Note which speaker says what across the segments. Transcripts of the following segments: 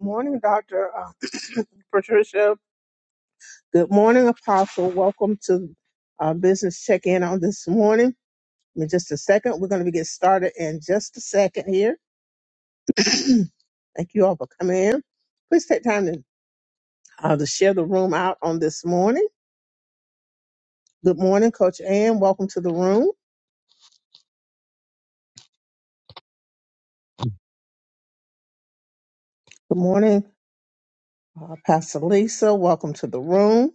Speaker 1: morning, Dr. uh, Patricia. Good morning, Apostle. Welcome to uh, Business Check In on this morning. In just a second, we're going to get started in just a second here. Thank you all for coming in. Please take time to, uh, to share the room out on this morning. Good morning, Coach Ann. Welcome to the room. Good morning, uh, Pastor Lisa. Welcome to the room.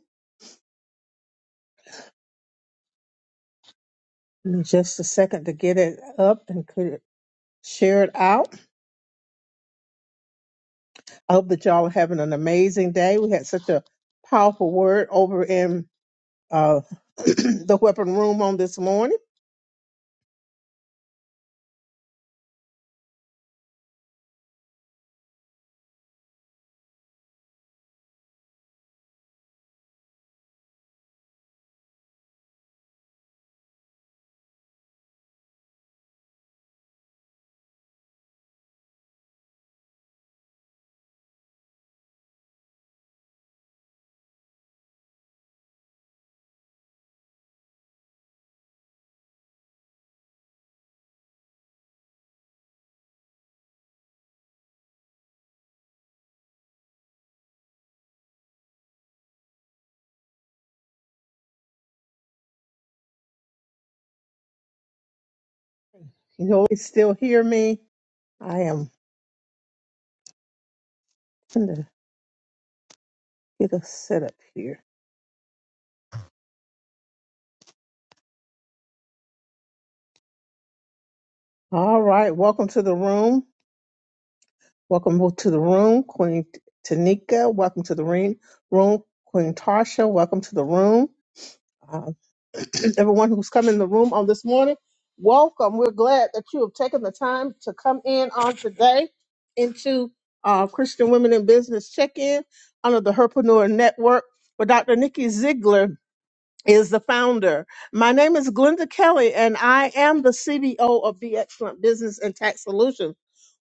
Speaker 1: In just a second to get it up and clear- share it out. I hope that y'all are having an amazing day. We had such a powerful word over in uh, the weapon room on this morning. You know, you still hear me. I am gonna get a set up here. All right, welcome to the room. Welcome to the room, Queen Tanika. Welcome to the ring room, Queen Tarsha. Welcome to the room. Uh, everyone who's come in the room on this morning. Welcome. We're glad that you have taken the time to come in on today into uh, Christian Women in Business Check-In under the Herpreneur Network, where Dr. Nikki Ziegler is the founder. My name is Glenda Kelly, and I am the CBO of Be Excellent Business and Tax Solutions.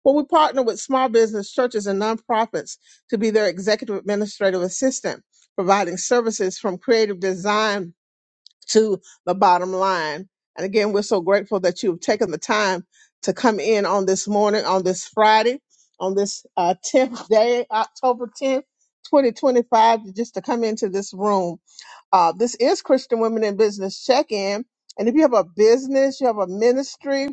Speaker 1: Where we partner with small business churches and nonprofits to be their executive administrative assistant, providing services from creative design to the bottom line. And again, we're so grateful that you've taken the time to come in on this morning, on this Friday, on this uh, 10th day, October 10th, 2025, just to come into this room. Uh, this is Christian Women in Business Check In. And if you have a business, you have a ministry,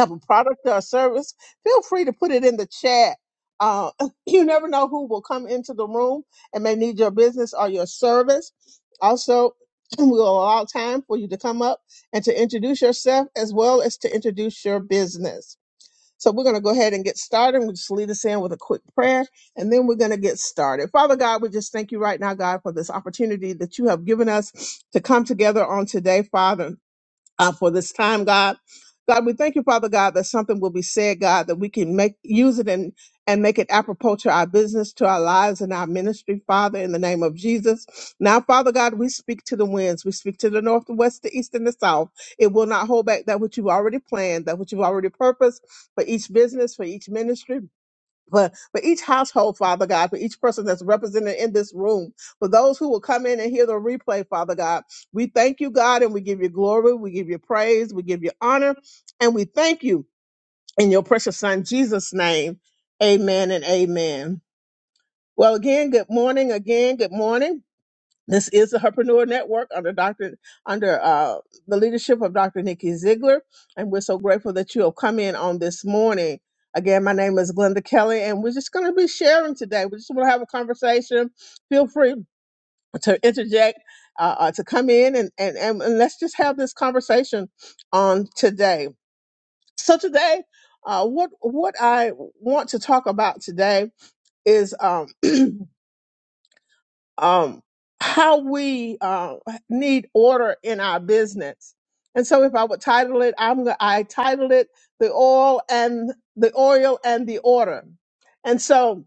Speaker 1: have a product or a service, feel free to put it in the chat. Uh, you never know who will come into the room and may need your business or your service. Also, we'll allow time for you to come up and to introduce yourself as well as to introduce your business. So we're going to go ahead and get started. We'll just lead us in with a quick prayer and then we're going to get started. Father God, we just thank you right now, God, for this opportunity that you have given us to come together on today, Father uh, for this time, God. God, we thank you, Father God, that something will be said, God, that we can make use it and and make it apropos to our business, to our lives, and our ministry, Father, in the name of Jesus. Now, Father God, we speak to the winds, we speak to the north, the west, the east, and the south. It will not hold back that which you've already planned, that which you've already purposed for each business, for each ministry for, for each household, Father God, for each person that's represented in this room, for those who will come in and hear the replay, Father God. We thank you, God, and we give you glory, we give you praise, we give you honor, and we thank you in your precious Son, Jesus' name. Amen and amen. Well, again, good morning. Again, good morning. This is the Herpreneur Network under Dr. under uh, the leadership of Dr. Nikki Ziegler, and we're so grateful that you have come in on this morning. Again, my name is Glenda Kelly, and we're just going to be sharing today. We just want to have a conversation. Feel free to interject, uh, uh, to come in, and, and and and let's just have this conversation on today. So today, uh, what what I want to talk about today is um, um, how we uh, need order in our business. And so, if I would title it, I'm go- I titled it "The Oil and the Oil and the Order." And so,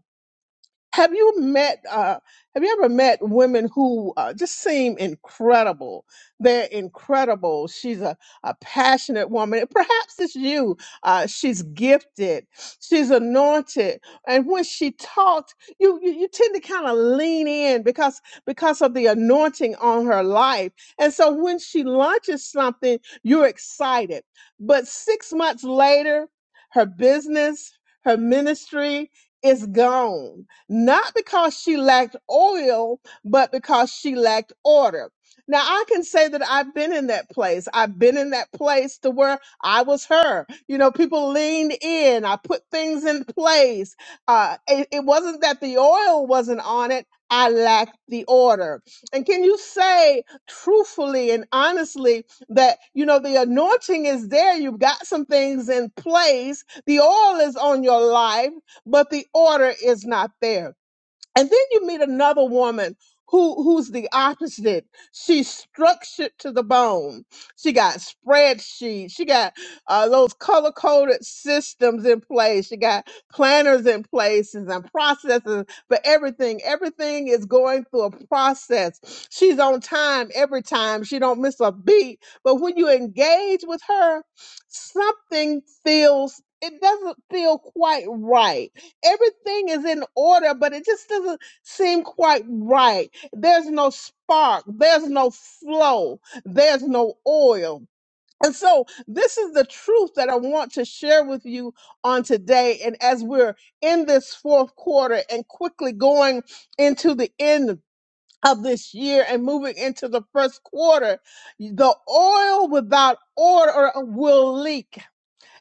Speaker 1: have you met uh have you ever met women who uh, just seem incredible they're incredible she's a, a passionate woman perhaps it's you uh, she's gifted she's anointed and when she talked you you, you tend to kind of lean in because because of the anointing on her life and so when she launches something you're excited but six months later her business her ministry is gone not because she lacked oil, but because she lacked order. Now I can say that I've been in that place. I've been in that place to where I was her. You know, people leaned in. I put things in place. Uh, it, it wasn't that the oil wasn't on it. I lacked the order. And can you say truthfully and honestly that, you know, the anointing is there. You've got some things in place. The oil is on your life but the order is not there. And then you meet another woman who who's the opposite. She's structured to the bone. She got spreadsheets. She got uh, those color coded systems in place. She got planners in places and processes for everything. Everything is going through a process. She's on time every time. She don't miss a beat. But when you engage with her, something feels it doesn't feel quite right everything is in order, but it just doesn't seem quite right. There's no spark, there's no flow, there's no oil. And so, this is the truth that I want to share with you on today. And as we're in this fourth quarter and quickly going into the end of this year and moving into the first quarter, the oil without order will leak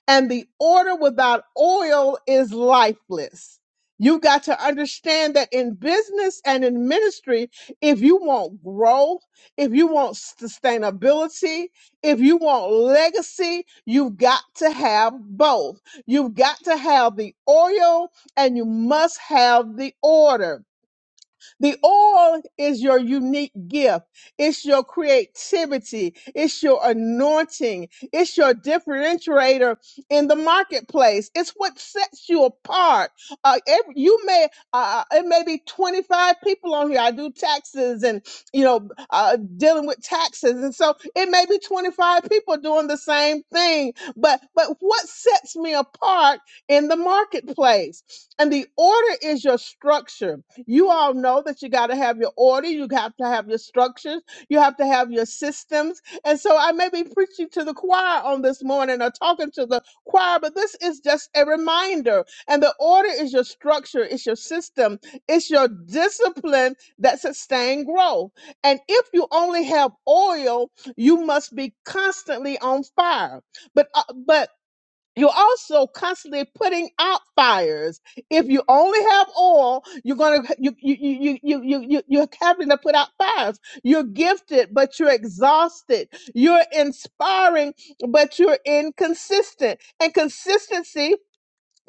Speaker 1: and the order without oil is lifeless. You got to understand that in business and in ministry, if you want growth, if you want sustainability, if you want legacy, you've got to have both. You've got to have the oil and you must have the order. The oil is your unique gift. It's your creativity. It's your anointing. It's your differentiator in the marketplace. It's what sets you apart. Uh, every, you may, uh, uh, it may be 25 people on here. I do taxes and, you know, uh, dealing with taxes. And so it may be 25 people doing the same thing, but, but what sets me apart in the marketplace? And the order is your structure. You all know that you got to have your order, you have to have your structures, you have to have your systems. And so I may be preaching to the choir on this morning or talking to the choir, but this is just a reminder. And the order is your structure, it's your system, it's your discipline that sustain growth. And if you only have oil, you must be constantly on fire. But uh, but you're also constantly putting out fires. If you only have oil, you're gonna you you you you you you you're having to put out fires. You're gifted, but you're exhausted. You're inspiring, but you're inconsistent. And consistency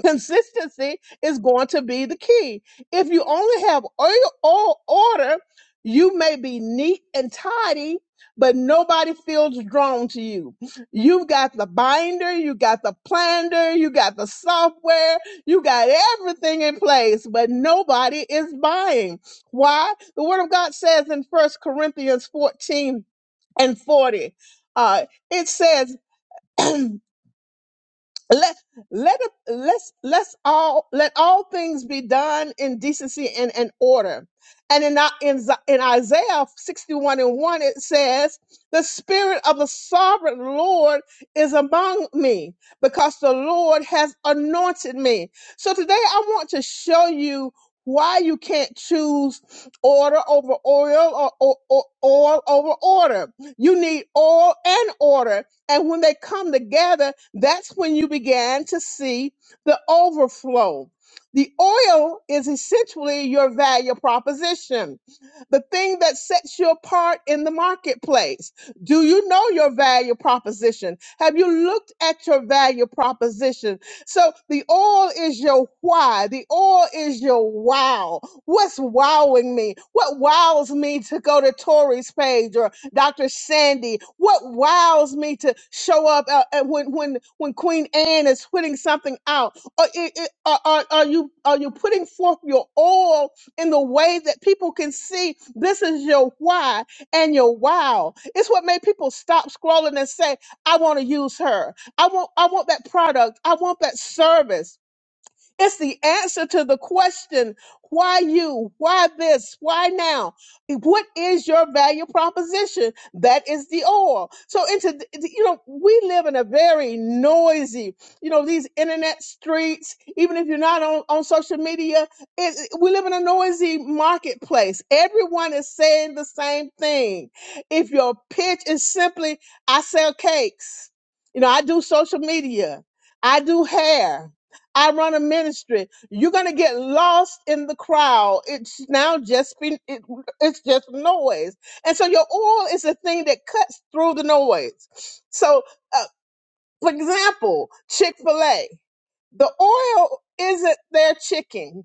Speaker 1: Consistency is going to be the key. If you only have oil, oil order, you may be neat and tidy, but nobody feels drawn to you. You've got the binder, you got the planner, you got the software, you got everything in place, but nobody is buying. Why? The Word of God says in First Corinthians 14 and 40, uh, it says, let let it- let's let's all let all things be done in decency and in order. And in our- in, Z- in Isaiah 61 and 1, it says, The Spirit of the sovereign Lord is among me because the Lord has anointed me. So today I want to show you why you can't choose order over oil or, or, or oil over order. You need oil and order and when they come together, that's when you began to see the overflow. The oil is essentially your value proposition, the thing that sets you apart in the marketplace. Do you know your value proposition? Have you looked at your value proposition? So the oil is your why, the oil is your wow. What's wowing me? What wows me to go to Tori's page or Dr. Sandy. What wows me to show up uh, uh, when when when Queen Anne is putting something out? Are, i- i- are, are are you are you putting forth your all in the way that people can see this is your why and your wow? It's what made people stop scrolling and say, "I want to use her. I want I want that product. I want that service." It's the answer to the question, why you? Why this? Why now? What is your value proposition? That is the oil. So into, you know, we live in a very noisy, you know, these internet streets, even if you're not on, on social media, it, we live in a noisy marketplace. Everyone is saying the same thing. If your pitch is simply, I sell cakes, you know, I do social media, I do hair, I run a ministry. You're gonna get lost in the crowd. It's now just be it, it's just noise, and so your oil is the thing that cuts through the noise. So. uh, for example, Chick fil A. The oil isn't their chicken.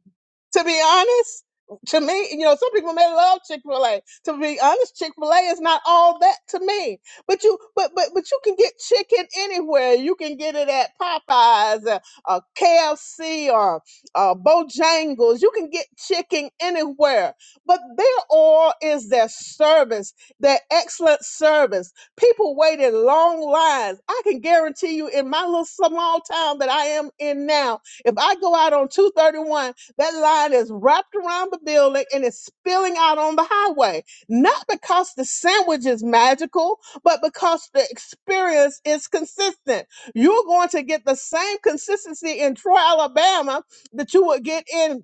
Speaker 1: To be honest, to me, you know, some people may love Chick fil A. To be honest, Chick fil A is not all that to me. But you, but, but, but you can get chicken anywhere. You can get it at Popeyes, or, or KFC, or uh, Bojangles. You can get chicken anywhere. But their oil is their service, their excellent service. People waited long lines. I can guarantee you in my little small town that I am in now, if I go out on 231, that line is wrapped around the building and it's spilling out on the highway. Not because the sandwich is magical, but because the experience is consistent. You're going to get the same consistency in Troy, Alabama that you would get in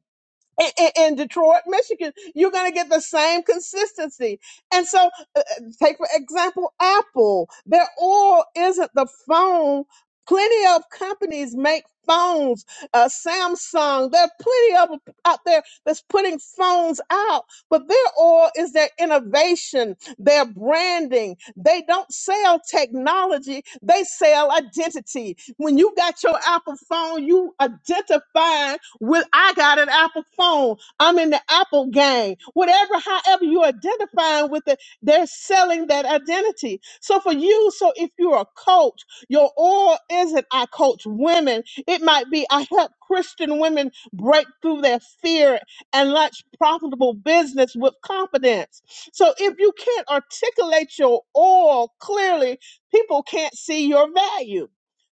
Speaker 1: in, in in Detroit, Michigan, you're going to get the same consistency. And so, uh, uh, take for example, Apple. Their oil isn't the phone. Plenty of companies make phones. Uh, Samsung. There are plenty of 'em out there that's putting phones out, but their oil is their innovation, their branding. They don't sell technology; they sell identity. When you got your Apple phone, you identifying with I got an Apple phone. I'm in the Apple gang. Whatever, however you identifying with it, they're selling that identity. So for you, so if you're a coach, your oil isn't I coach women. It might be I help Christian women break through their fear and launch profitable business with confidence. So if you can't articulate your oil clearly, people can't see your value.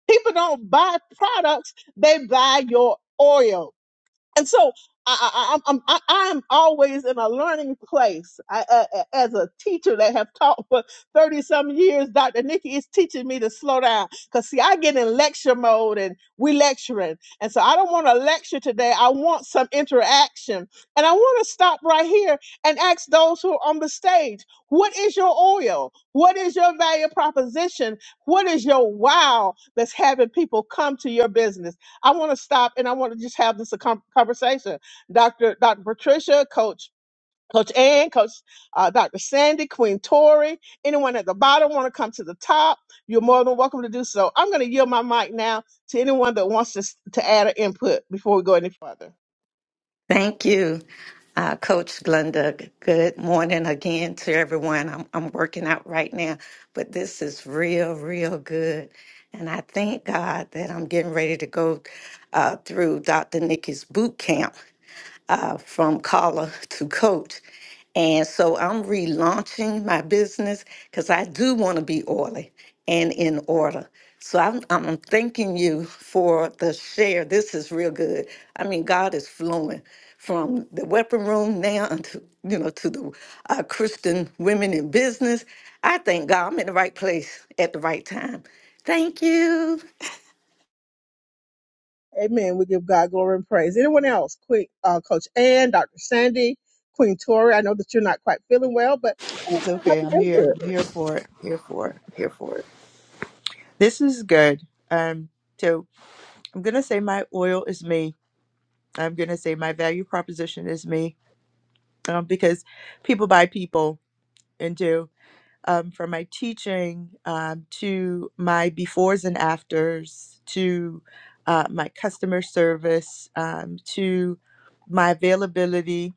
Speaker 1: People don't buy products, they buy your oil and so I, I, I'm I'm I- I'm always in a learning place. I, uh, as a teacher that have taught for thirty some years, Dr. Nikki is teaching me to slow down. Cause see, I get in lecture mode and we lecturing, and so I don't want to lecture today. I want some interaction, and I want to stop right here and ask those who are on the stage, what is your oil? What is your value proposition? What is your wow that's having people come to your business? I want to stop and I want to just have this a com- conversation. Dr. Dr. Patricia, Coach Coach Ann, Coach uh, Dr. Sandy, Queen Tori, anyone at the bottom want to come to the top, you're more than welcome to do so. I'm going to yield my mic now to anyone that wants to, s- to add an input before we go any further.
Speaker 2: Thank you, uh, Coach Glenda. Good morning again to everyone. I'm, I'm working out right now, but this is real, real good. And I thank God that I'm getting ready to go uh, through Dr. Nikki's boot camp uh, from caller to coach, And so I'm relaunching my business because I do want to be oily and in order. So I'm, I'm thanking you for the share. This is real good. I mean, God is flowing from the weapon room now to you know to the uh, Christian women in business. I thank God I'm in the right place at the right time. Thank you.
Speaker 1: Amen. We give God glory and praise. Anyone else? Quick, uh, Coach Ann, Dr. Sandy, Queen Tori, I know that you're not quite feeling well, but I want
Speaker 3: It's
Speaker 1: to
Speaker 3: okay.
Speaker 1: have
Speaker 3: I'm
Speaker 1: your input.
Speaker 3: here. I'm here for it. Here for it. Here for it. This is good. Um, so I'm gonna say my oil is me. I'm gonna say my value proposition is me. Um, because people buy people into um from my teaching um to my befores and afters to uh, my customer service um to my availability.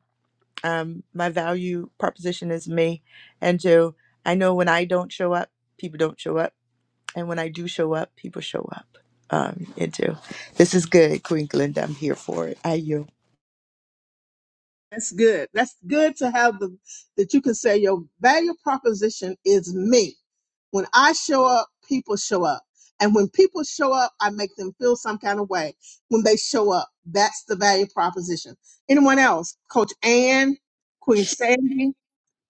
Speaker 3: Um, my value proposition is me, and so I know when I don't show up, people don't show up And when I do show up, people show up. Um, and do. This is good, Queen Glenda. I'm here for it. I you.
Speaker 1: That's good. That's good to have the that you can say your value proposition is me. When I show up, people show up. And when people show up, I make them feel some kind of way when they show up. That's the value proposition. Anyone else? Coach Ann, Queen Sandy.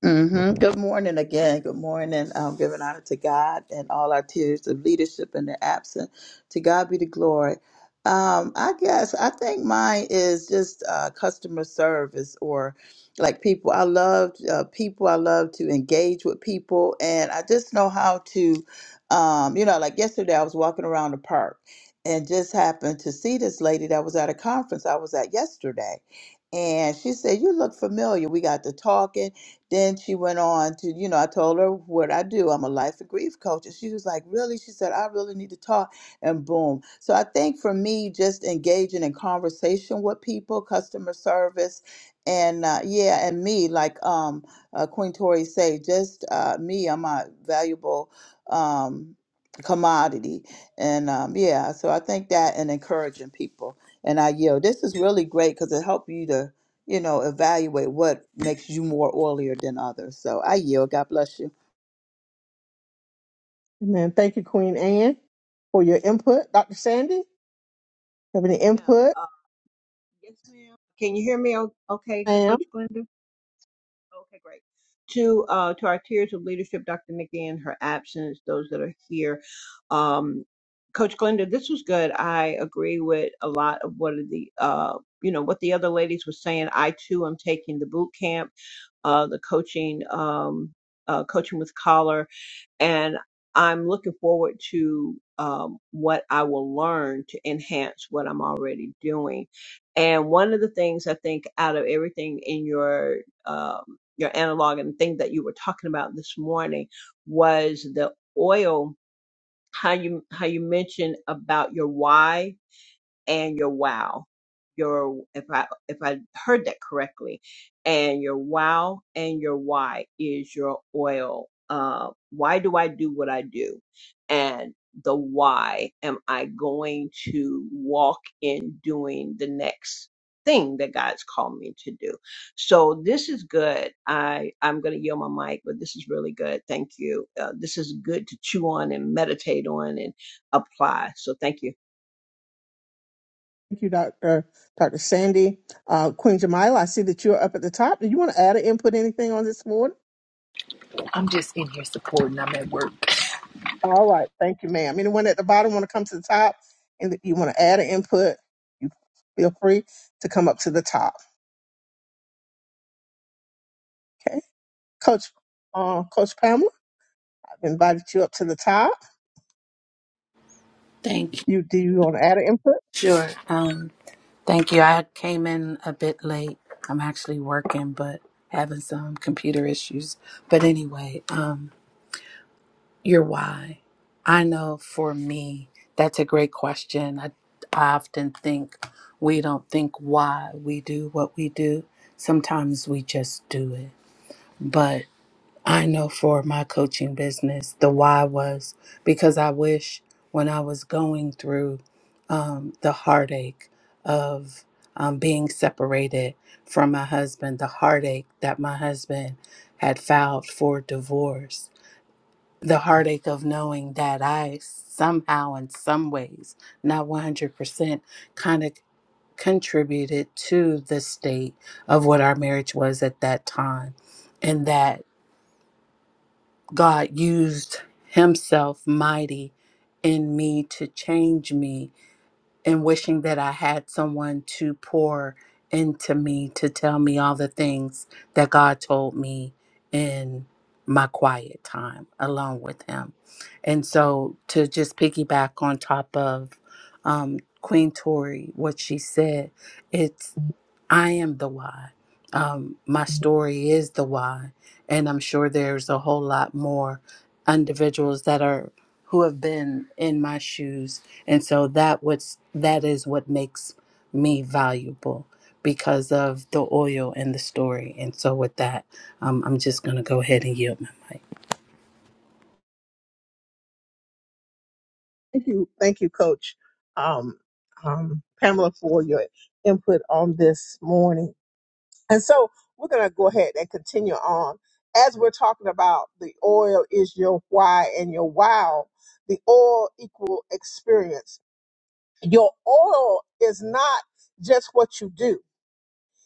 Speaker 4: hmm Good morning again. Good morning. I'm giving honor to God and all our tiers of leadership and the absent. To God be the glory. Um, I guess I think mine is just uh, customer service or like people. I love uh, people. I love to engage with people, and I just know how to, um, you know, like yesterday I was walking around the park and just happened to see this lady that was at a conference I was at yesterday, and she said, "You look familiar." We got to talking then she went on to, you know, I told her what I do. I'm a life and grief coach. And she was like, Really? She said, I really need to talk. And boom. So I think for me, just engaging in conversation with people, customer service, and uh, yeah, and me, like um, uh, Queen Tori say, just uh, me, I'm a valuable um, commodity. And um, yeah, so I think that and encouraging people. And I yield. This is really great because it helped you to you know, evaluate what makes you more oilier than others. So I yield. God bless you.
Speaker 1: Amen. Thank you, Queen Ann, for your input. Dr. Sandy, have any
Speaker 5: ma'am.
Speaker 1: input?
Speaker 5: Uh, yes, ma'am. Can you hear me? o- Okay,
Speaker 1: Ma'am.
Speaker 5: Coach Glenda. Okay, great. To uh, to our tiers of leadership, Dr. Nikki in her absence, those that are here. Um, Coach Glenda, this was good. I agree with a lot of what of the uh, you know what the other ladies were saying. I too am taking the boot camp, uh, the coaching, um, uh, coaching with collar and I'm looking forward to um, what I will learn to enhance what I'm already doing. And one of the things I think out of everything in your um, your analog and the thing that you were talking about this morning was the oil. How you how you mentioned about your why and your wow your if i if i heard that correctly and your wow and your why is your oil uh why do i do what i do and the why am i going to walk in doing the next thing that god's called me to do so this is good i i'm going to yield my mic but this is really good thank you uh, this is good to chew on and meditate on and apply so thank you
Speaker 1: Thank you, Dr. Dr. Sandy. Uh, Queen Jamila, I see that you're up at the top. Do you want to add an input anything on this morning?
Speaker 6: I'm just in here supporting. I'm at work.
Speaker 1: All right. Thank you, ma'am. Anyone at the bottom want to come to the top and you want to add an input, you feel free to come up to the top. Okay. Coach uh, Coach Pamela, I've invited you up to the top.
Speaker 7: Thank you.
Speaker 1: You do you want to add an input?
Speaker 7: Sure. Um, thank you. I came in a bit late. I'm actually working, but having some computer issues. But anyway, um, your why. I know for me, that's a great question. I, I often think we don't think why we do what we do. Sometimes we just do it. But I know for my coaching business, the why was because I wish when I was going through um, the heartache of um, being separated from my husband, the heartache that my husband had filed for divorce, the heartache of knowing that I somehow, in some ways, not 100%, kind of contributed to the state of what our marriage was at that time. And that God used Himself mighty in me to change me and wishing that I had someone to pour into me to tell me all the things that God told me in my quiet time alone with Him. And so to just piggyback on top of um, Queen Tori, what she said, it's I am the why. Um, my story is the why, and I'm sure there's a whole lot more individuals that are who have been in my shoes and so that what's that is what makes me valuable because of the oil and the story. And so with that, um, I'm just gonna go ahead and yield my mic.
Speaker 1: Thank you, thank you, Coach um, um, Pamela, for your input on this morning. And so we're going to go ahead and continue on as we're talking about the oil is your why and your wow. The oil equal experience. Your oil is not just what you do.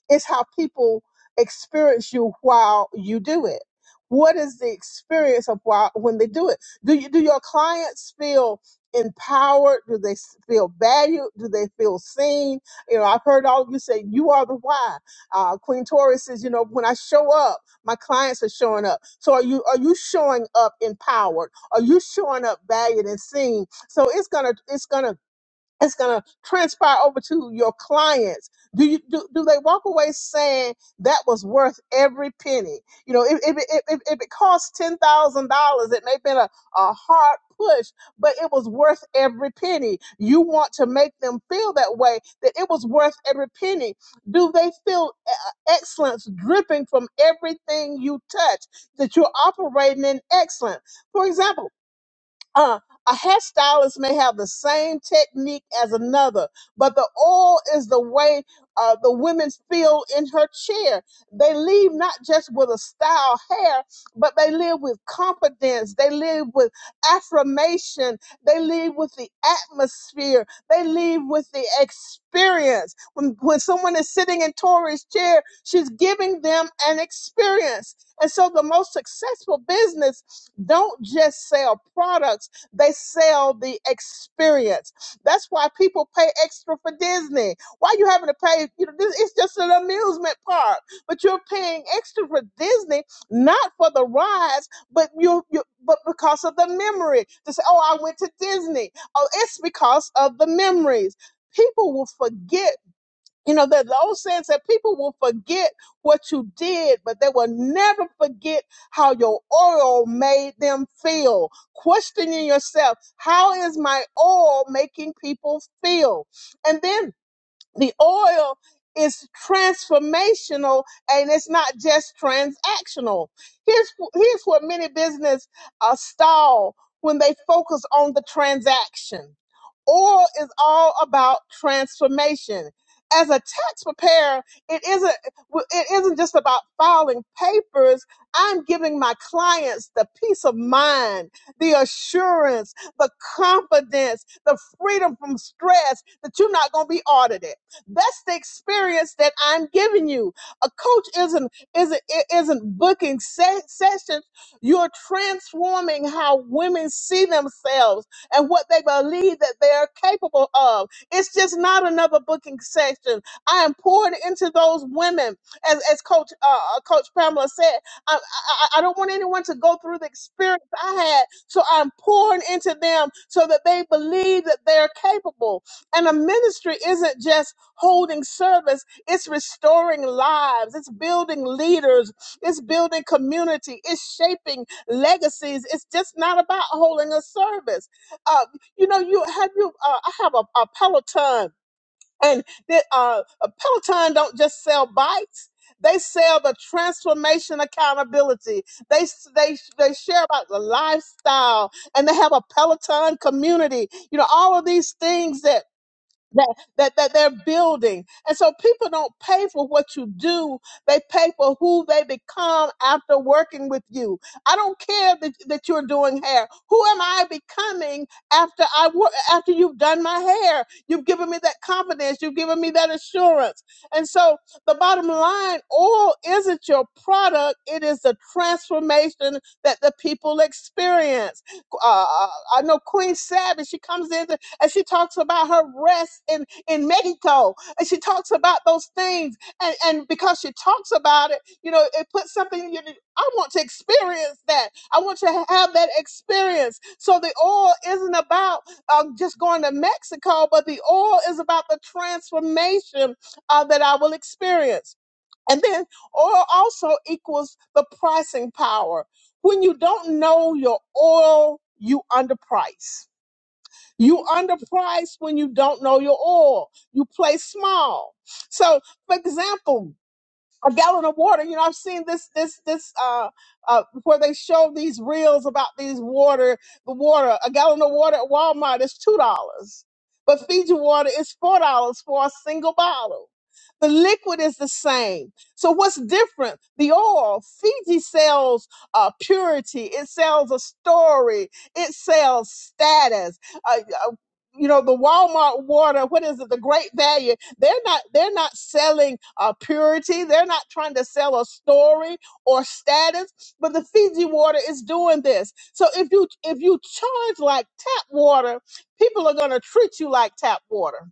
Speaker 1: It's how people experience you while you do it. What is the experience of while when they do it? Do you do your clients feel empowered? Do they s- feel valued? Do they feel seen? You know, I've heard all of you say you are the why. Uh, Queen Tori says, you know, when I show up, my clients are showing up. So are you are you showing up empowered? Are you showing up valued and seen? So it's gonna it's gonna it's going to transpire over to your clients do you do, do they walk away saying that was worth every penny you know if, if, if, if if it costs $10000 it may have been a, a hard push but it was worth every penny you want to make them feel that way that it was worth every penny do they feel uh, uh, excellence dripping from everything you touch that you're operating in excellence for example uh, a hairstylist may have the same technique as another, but the oil is the way uh, the women feel in her chair. They leave not just with a style hair, but they live with confidence. They live with affirmation. They live with the atmosphere. They leave with the experience. When, when someone is sitting in Tori's chair, she's giving them an experience. And so the most successful business don't just sell products, they sell the experience. That's why people pay extra for Disney. Why you having to pay, you know, this it's just an amusement park, but you're paying extra for Disney not for the rides, but you you but because of the memory. To say, "Oh, I went to Disney." Oh, it's because of the memories. People will forget you know, that the old saying said people will forget what you did, but they will never forget how your oil made them feel. Questioning yourself, how is my oil making people feel? And then the oil is transformational and it's not just transactional. Here's here's where many business uh, stall when they focus on the transaction. Oil is all about transformation. As a tax preparer, it isn't well, it isn't just about filing papers. I'm giving my clients the peace of mind, the assurance, the confidence, the freedom from stress that you're not going to be audited that's the experience that I'm giving you. A coach isn't isn't isn't booking se- sessions. You're transforming how women see themselves and what they believe that they are capable of. It's just not another booking session. I am pouring into those women, as as Coach uh, uh, Coach Pamela said. I, I I don't want anyone to go through the experience I had, so I'm pouring into them so that they believe that they're capable. And a ministry isn't just holding service. It's restoring lives. It's building leaders. It's building community. It's shaping legacies. It's just not about holding a service. Uh, you know, you have you. Uh, I have a, a Peloton, and the, uh, a Peloton don't just sell bikes. They sell the transformation accountability. They s- they they share about the lifestyle, and they have a Peloton community. You know, all of these things that, that, that they're building. And so people don't pay for what you do. They pay for who they become after working with you. I don't care that, that you're doing hair. Who am I becoming after I work, after you've done my hair? You've given me that confidence. You've given me that assurance. And so the bottom line, oil isn't your product. It is the transformation that the people experience. Uh, uh, I know Queen Savage, she comes in. And she talks about her rest in, in Mexico. And she talks about those things. And, and because she talks about it, you know, it puts something in you. I want to experience that. I want to have that experience. So the oil isn't about um, just going to Mexico, but the oil is about the transformation uh, that I will experience. And then oil also equals the pricing power. When you don't know your oil, you underprice you underprice when you don't know your oil. You play small. So, for example, a gallon of water. You know, I've seen this this this uh uh where they show these reels about these water the water a gallon of water at Walmart is two dollars, but Fiji water is four dollars for a single bottle. The liquid is the same. So what's different? The oil. Fiji sells uh, purity. It sells a story. It sells status. Uh, uh, you know the Walmart water. What is it? The Great Value they're not they're not selling uh, purity. They're not trying to sell a story or status. But the Fiji water is doing this. So if you if you charge like tap water, people are gonna treat you like tap water.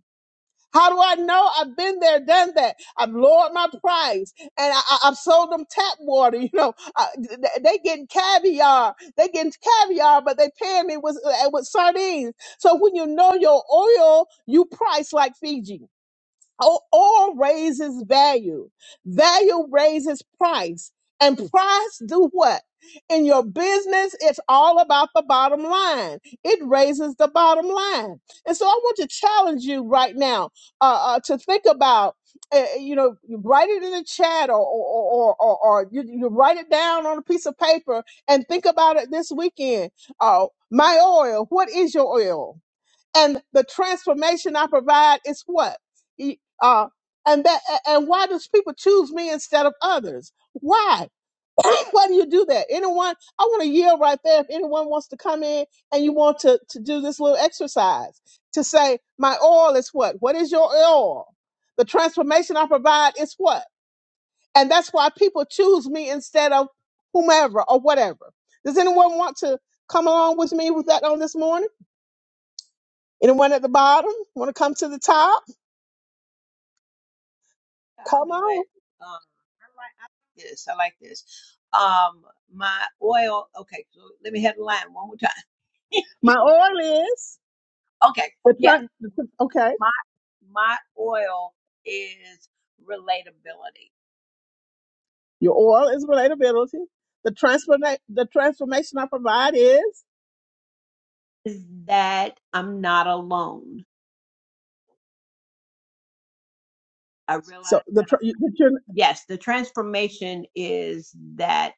Speaker 1: How do I know? I've been there, done that. I've lowered my price, and I, I, I've sold them tap water. You know, uh, th- th- they getting caviar. They getting caviar, but they paying me with uh, with sardines. So when you know your oil, you price like Fiji. O- Oil raises value. Value raises price. And price do what? In your business, it's all about the bottom line. It raises the bottom line. And so I want to challenge you right now uh, uh, to think about, uh, uh, you know, you write it in the chat or, or, or, or, or you, you write it down on a piece of paper and think about it this weekend. Uh, my oil, what is your oil? and the transformation I provide is what? E- Uh, and that and why does people choose me instead of others? Why? Why do you do that? Anyone? I want to yield right there. If anyone wants to come in and you want to to do this little exercise to say my oil is what? What is your oil? The transformation I provide is what? And that's why people choose me instead of whomever or whatever. Does anyone want to come along with me with that on this morning? Anyone at the bottom want to come to the top?
Speaker 5: I'll
Speaker 1: Come
Speaker 5: do it.
Speaker 1: on.
Speaker 5: Um, I like, I like this. I like this. Um, my oil. Okay, so let me have the line one more time.
Speaker 1: My oil is
Speaker 5: okay,
Speaker 1: the,
Speaker 5: yeah,
Speaker 1: tran- the tr- okay.
Speaker 5: my my oil is relatability.
Speaker 1: Your oil is relatability. The transforma- the transformation I provide is
Speaker 5: Is that I'm not alone. I
Speaker 1: so
Speaker 5: realize
Speaker 1: the
Speaker 5: that.
Speaker 1: tr- you- that you're
Speaker 5: yes, the transformation is that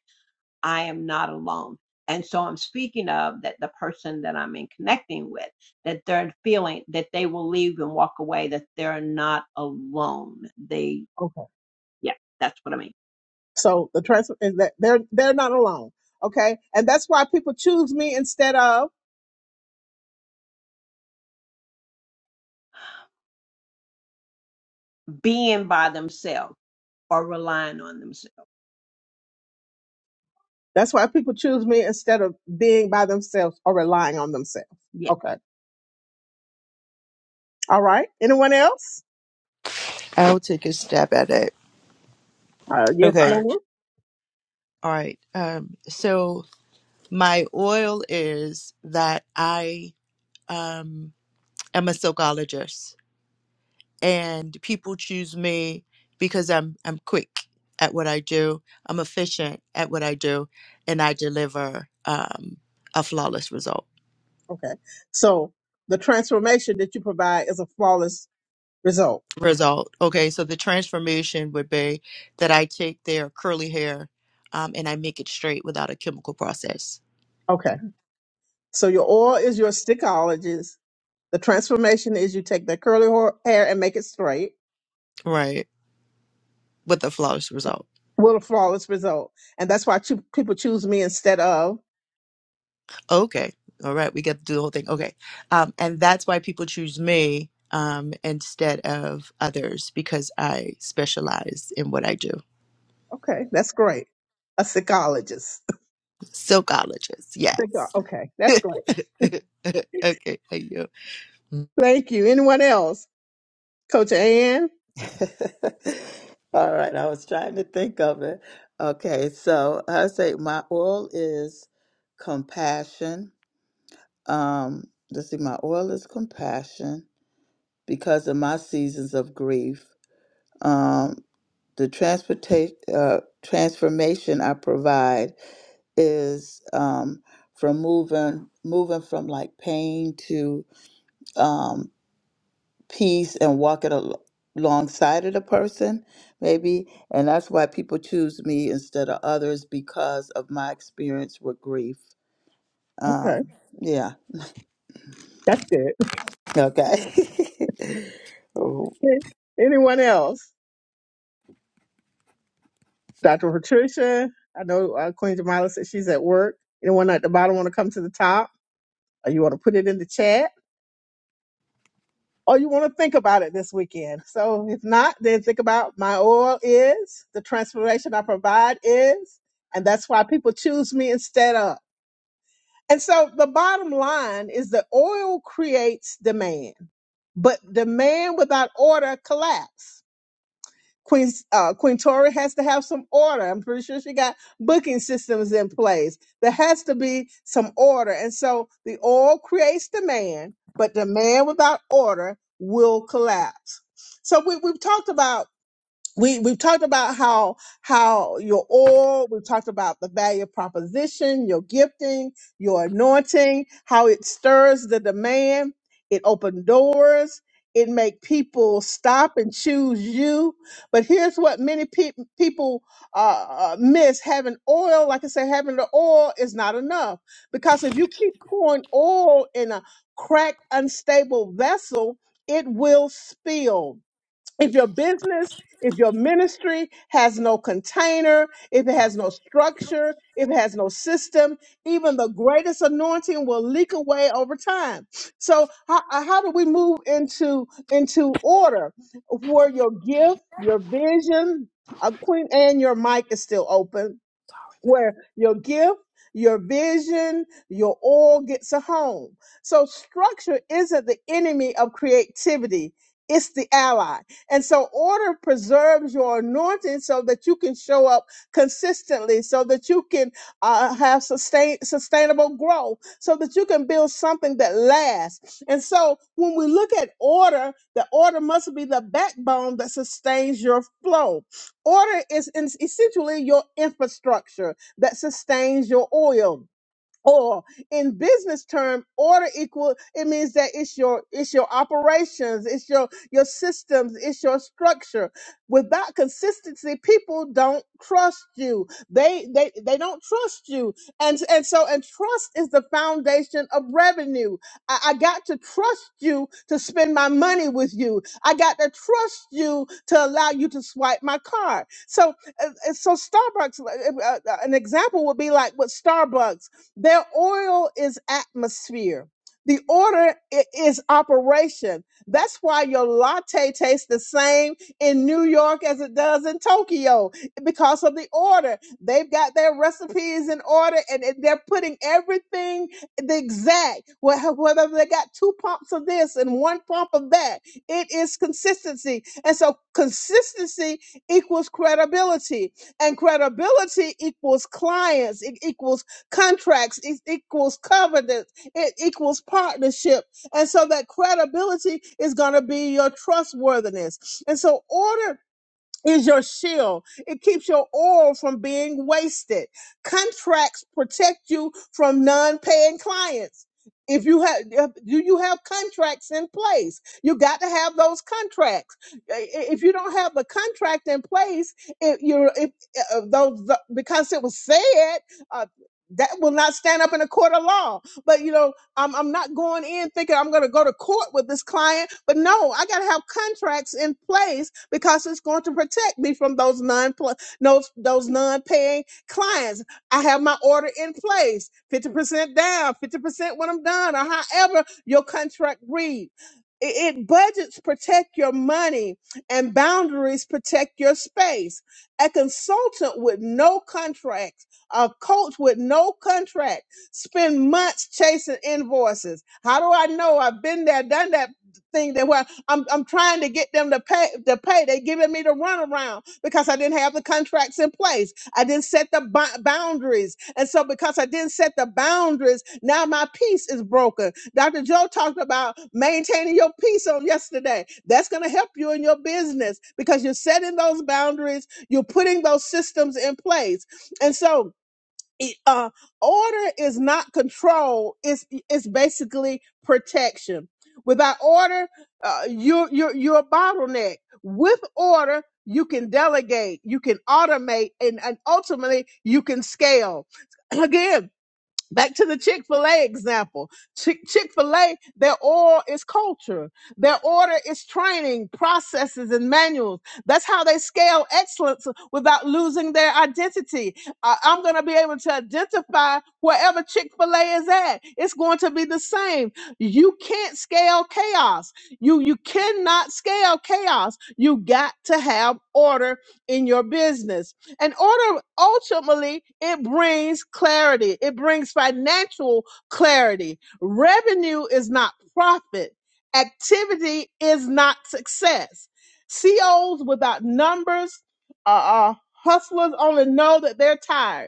Speaker 5: I am not alone. And so I'm speaking of that the person that I'm in connecting with, that they're feeling that they will leave and walk away, that they're not alone. They,
Speaker 1: okay.
Speaker 5: yeah, that's what I mean.
Speaker 1: So the trans is that they're they're not alone. Okay, and that's why people choose me instead of
Speaker 5: Being by themselves or relying on themselves.
Speaker 1: that's why people choose me instead of being by themselves or relying on themselves.
Speaker 5: Yeah.
Speaker 1: Okay. All right. Anyone else?
Speaker 3: I'll take a stab at it.
Speaker 1: Uh, yes,
Speaker 3: Okay.
Speaker 1: ma'am.
Speaker 3: All right. Um, so my oil is that I um am a silkologist and people choose me because I'm I'm quick at what I do. I'm efficient at what I do and I deliver um a flawless result.
Speaker 1: Okay. So the transformation that you provide is a flawless result.
Speaker 3: result. Okay, so the transformation would be that I take their curly hair um, and I make it straight without a chemical process,
Speaker 1: Okay. So your oil is your stickologist. The transformation is you take that curly ho- hair and make it straight
Speaker 3: right? With a flawless result.
Speaker 1: with a flawless result. And that's why choo- people choose me instead of.
Speaker 3: Okay, all right, we get to do the whole thing. Okay, um, and that's why people choose me um, instead of others because I specialize in what I do.
Speaker 1: Okay. That's great. A stickologist.
Speaker 3: Silkologist,
Speaker 1: Sticko-
Speaker 3: yes.
Speaker 1: Okay. That's great.
Speaker 3: okay, thank you.
Speaker 1: Thank you. Anyone else? Coach Ann.
Speaker 4: All right. I was trying to think of it. Okay. So I say my oil is compassion. Um, let's see, my oil is compassion because of my seasons of grief. Um, the transportation uh, transformation I provide is um, from moving moving from like pain to um, piece and walk it al- alongside of the person, maybe. And that's why people choose me instead of others because of my experience with grief.
Speaker 1: Okay,
Speaker 4: Um, yeah.
Speaker 1: that's good.
Speaker 4: Okay.
Speaker 1: Anyone else? Dr. Patricia. I know uh, Queen Jamila said she's at work. Anyone at the bottom want to come to the top? Or you want to put it in the chat? Or you want to think about it this weekend? So if not, then think about my oil is, the transformation I provide is, and that's why people choose me instead of. And so the bottom line is that oil creates demand, but demand without order collapse. Queen, uh, Queen Tori has to have some order. I'm pretty sure she got booking systems in place. There has to be some order. And so the oil creates demand, but demand without order will collapse. So we, we've talked about we we've talked about how how your oil we've talked about the value proposition your gifting your anointing how it stirs the demand it opens doors it make people stop and choose you but here's what many peop people uh, uh, miss having oil like i said having the oil is not enough because if you keep pouring oil in a cracked unstable vessel it will spill if your business, if your ministry has no container, if it has no structure, if it has no system, even the greatest anointing will leak away over time. So how, uh, how do we move into into order where your gift, your vision, uh, Queen Anne, your mic is still open where your gift, your vision, your all gets a home. So structure isn't the enemy of creativity. It's the ally. And so order preserves your anointing so that you can show up consistently, so that you can uh, have sustain, sustainable growth, so that you can build something that lasts. And so when we look at order, the order must be the backbone that sustains your flow. Order is in- essentially your infrastructure that sustains your oil or in business term order equal it means that it's your it's your operations it's your your systems it's your structure without consistency people don't trust you they they they don't trust you and and so and trust is the foundation of revenue i, I got to trust you to spend my money with you i got to trust you to allow you to swipe my card so uh, uh, so starbucks uh, uh, uh, an example would be like with starbucks their oil is atmosphere. The order i- is operation. That's why your latte tastes the same in New York as it does in Tokyo because of the order. They've got their recipes in order and and they're putting everything the exact, wh- whether they got two pumps of this and one pump of that. It is consistency. And so consistency equals credibility and credibility equals clients. It equals Contracts e- equals covenants. It equals partnership. And so that credibility is going to be your trustworthiness. And so order is your shield. It keeps your oil from being wasted. Contracts protect you from non-paying clients. If you have, do you have contracts in place? You got to have those contracts. I- i- If you don't have the contract in place, if you're if, uh, those the- because it was said uh, that will not stand up in a court of law. But you know. I'm, I'm not going in thinking I'm going to go to court with this client, but no, I got to have contracts in place because it's going to protect me from those non those those non-paying clients. I have my order in place, 50% down, 50% when I'm done, or however your contract reads. It, it budgets protect your money and boundaries protect your space. A consultant with no contract, a coach with no contract Spend months chasing invoices. How do I know? I've been there, done that thing that where I'm I'm trying to get them to pay to pay. They giving me the runaround because I didn't have the contracts in place. I didn't set the bou- boundaries, and so because I didn't set the boundaries, now my peace is broken. Dr. Joe talked about maintaining your peace on yesterday. That's going to help you in your business because you're setting those boundaries. You're putting those systems in place, and so it, uh, order is not control. It's it's basically protection. Without order, uh, you're you're you're a bottleneck. With order, you can delegate, you can automate, and, and ultimately you can scale. Again, Back to the Chick fil A example. Chick fil A, their oil is culture. Their order is training, processes, and manuals. That's how they scale excellence without losing their identity. Uh, I'm going to be able to identify wherever Chick fil A is at. It's going to be the same. You can't scale chaos. You, you cannot scale chaos. You got to have order in your business and order ultimately it brings clarity. It brings financial clarity. Revenue is not profit. Activity is not success. COs without numbers are are hustlers only know that they're tired.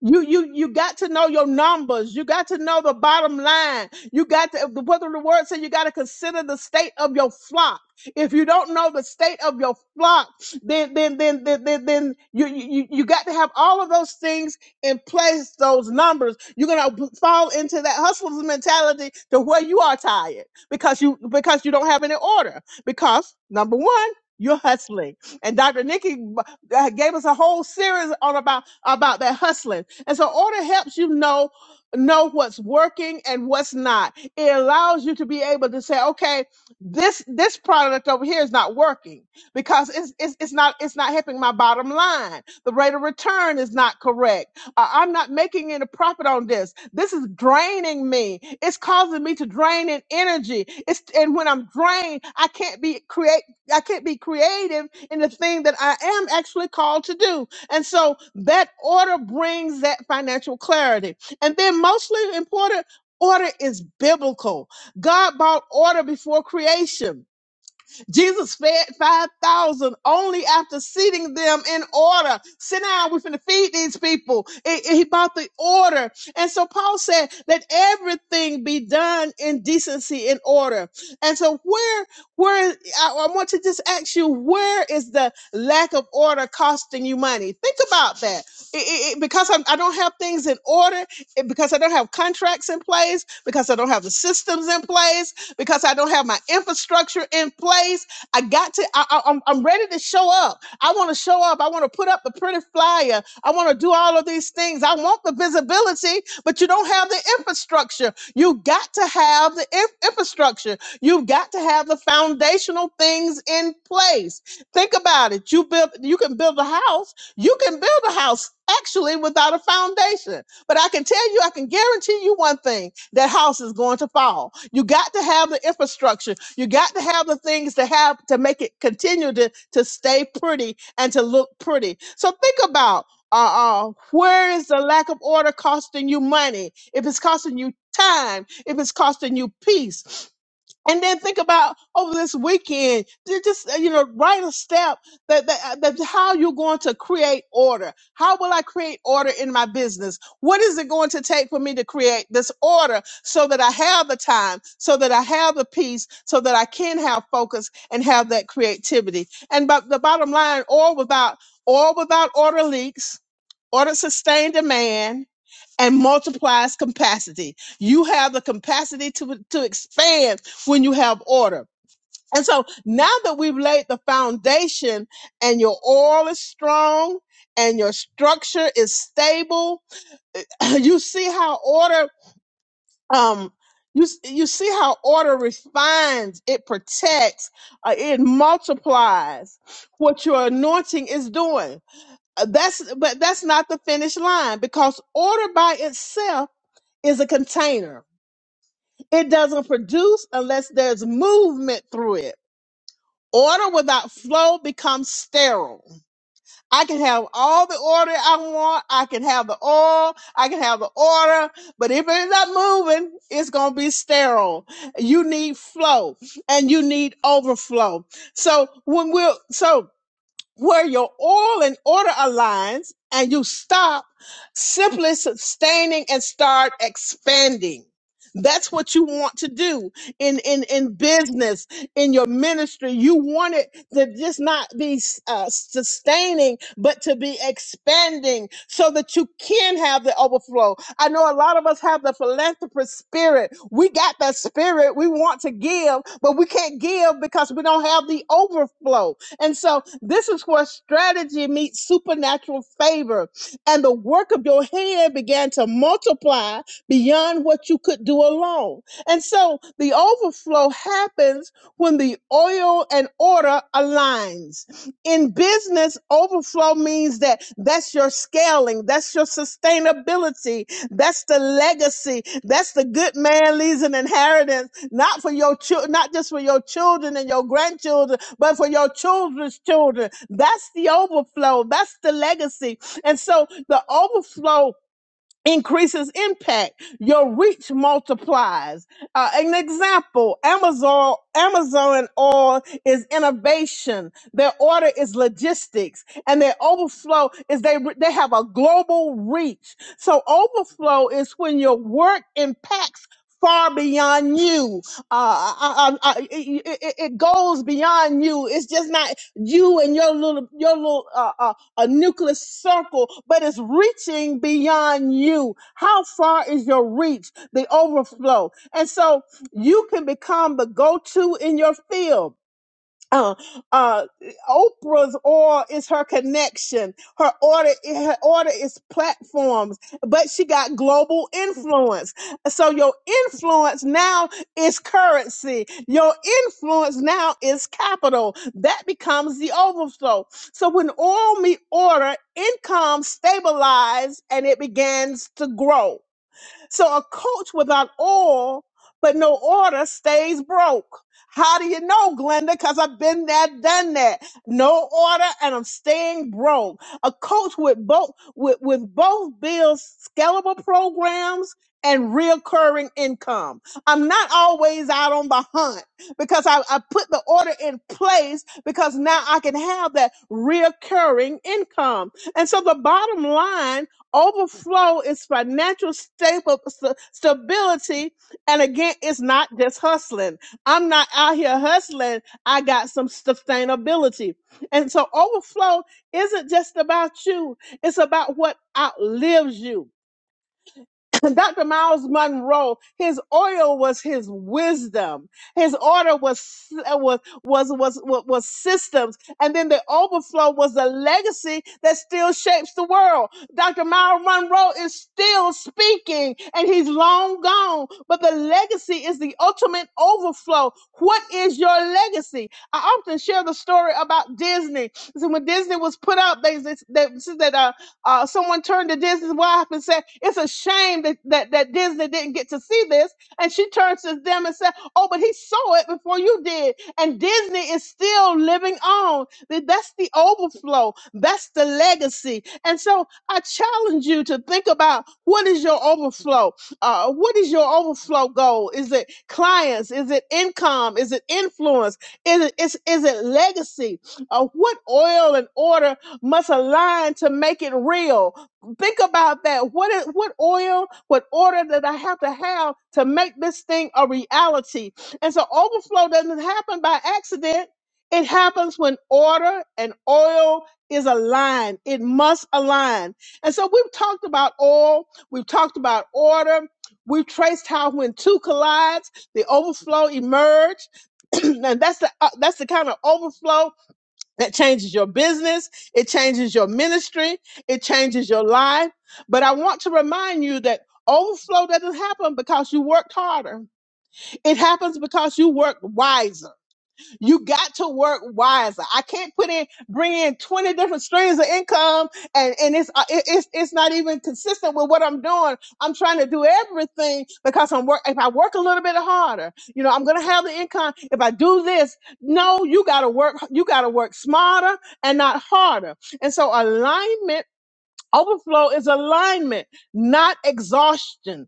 Speaker 1: You you you got to know your numbers. You got to know the bottom line. You got to what the word said. You got to consider the state of your flock. If you don't know the state of your flock, then then then then then, then you, you you got to have all of those things in place. Those numbers. You're gonna b- fall into that hustler's mentality to where you are tired because you because you don't have any order. Because number one, you're hustling, and Dr. Nikki uh, gave us a whole series on about about that hustling. And so order helps you know know what's working and what's not. It allows you to be able to say, okay, this this product over here is not working because it's it's, it's not it's not helping my bottom line. The rate of return is not correct. Uh, I'm not making any profit on this. This is draining me. It's causing me to drain in energy. It's and when I'm drained, I can't be create I can't be creative in the thing that I am actually called to do. And so that order brings that financial clarity. And then, mostly important, order is biblical. God brought order before creation. Jesus fed 5,000 only after seating them in order. Sit down, we're finna feed these people. It- it- he brought the order. And so Paul said, let everything be done in decency and order. And so where where I, I want to just ask you, where is the lack of order costing you money? Think about that. It, it, it- because I'm, I don't have things in order, it, because I don't have contracts in place, because I don't have the systems in place, because I don't have my infrastructure in place. I. I got to. I, I, I'm I'm ready to show up. I want to show up. I want to put up the pretty flyer. I want to do all of these things. I want the visibility, but you don't have the infrastructure. You got to have the in- infrastructure. You've got to have the foundational things in place. Think about it. You build. You can build a house. You can build a house actually without a foundation. But I can tell you, I can guarantee you one thing that house is going to fall. You got to have the infrastructure. You got to have the things to have to make it continue to, to stay pretty and to look pretty. So think about uh, uh, where is the lack of order costing you money? If it's costing you time, if it's costing you peace, and then think about over this weekend, ju- just uh, you know, write a step that, that uh, that how you're going to create order. How will I create order in my business? What is it going to take for me to create this order so that I have the time, so that I have the peace, so that I can have focus and have that creativity? And but the bottom line, all without all without order leaks, order sustained demand, and multiplies capacity. You have the capacity to, to expand when you have order. And so now that we've laid the foundation and your oil is strong and your structure is stable, you see how order, um, you, s- you see how order refines, it protects, uh, it multiplies what your anointing is doing. Uh, That's, but that's not the finish line because order by itself is a container. It doesn't produce unless there's movement through it. Order without flow becomes sterile. I can have all the order I want. I can have the oil. I can have the order. But if it's not moving, it's going to be sterile. You need flow and you need overflow. So when we're, so where your oil and order aligns and you stop simply sustaining and start expanding. That's what you want to do in, in, in business, in your ministry. You want it to just not be uh, sustaining, but to be expanding so that you can have the overflow. I know a lot of us have the philanthropist spirit. We got that spirit. We want to give, but we can't give because we don't have the overflow. And so this is where strategy meets supernatural favor. And the work of your hand began to multiply beyond what you could do alone. And so the overflow happens when the oil and order aligns in business, overflow means that that's your scaling, that's your sustainability, that's the legacy, that's the good man leaves an inheritance, not for your children, not just for your children and your grandchildren, but for your children's children. That's the overflow, that's the legacy. And so the overflow increases impact your reach multiplies uh, an example amazon amazon oil is innovation their order is logistics and their overflow is they they have a global reach so overflow is when your work impacts far beyond you uh, I, I, I, it, it it goes beyond you it's just not you and your little your little uh, uh, a nucleus circle, but it's reaching beyond you. How far is your reach, the overflow? And so you can become the go to in your field uh, uh, Oprah's oil is her connection. Her order, her order is platforms, but she got global influence. So your influence now is currency. Your influence now is capital. That becomes the overflow. So when oil meet order, income stabilizes and it begins to grow. So a coach without oil but no order stays broke. How do you know, Glenda? Because I've been there, done that. No order, and I'm staying broke. A coach with both with, with both bills scalable programs and recurring income. I'm not always out on the hunt because I, I put the order in place because now I can have that recurring income. And so the bottom line Overflow is financial stable st- stability, and again, it's not just hustling. I'm not out here hustling. I got some sustainability, and so overflow isn't just about you. It's about what outlives you. Dr. Miles Monroe, his oil was his wisdom. His order was uh, was was was was, was systems, and then the overflow was a legacy that still shapes the world. Dr. Miles Monroe is still speaking, and he's long gone, but the legacy is the ultimate overflow. What is your legacy? I often share the story about Disney. So when Disney was put up, they they, they, uh, someone turned to Disney's wife and said, It's a shame that, that, that Disney didn't get to see this. And she turns to them and said, Oh, but he saw it before you did. And Disney is still living on. Th- That's the overflow, that's the legacy. And so I challenge you to think about what is your overflow? Uh, what is your overflow goal? Is it clients? Is it income? Is it influence? Is it, is, is it legacy? Uh, what oil and order must align to make it real. Think about that. What is, what oil, what order that I have to have to make this thing a reality? And so overflow doesn't happen by accident. It happens when order and oil is aligned. It must align. And so we've talked about oil, we've talked about order, we've traced how when two collides, the overflow emerged, and that's the uh, that's the kind of overflow it changes your business. It changes your ministry. It changes your life. But I want to remind you that overflow doesn't happen because you worked harder. It happens because you worked wiser. You got to work wiser. I can't put in, bring in 20 different streams of income and, and it's, uh, it- it's, it's not even consistent with what I'm doing. I'm trying to do everything because I'm work. If I work a little bit harder, you know, I'm going to have the income. If I do this, no, you got to work, you got to work smarter and not harder. And so alignment Overflow is alignment, not exhaustion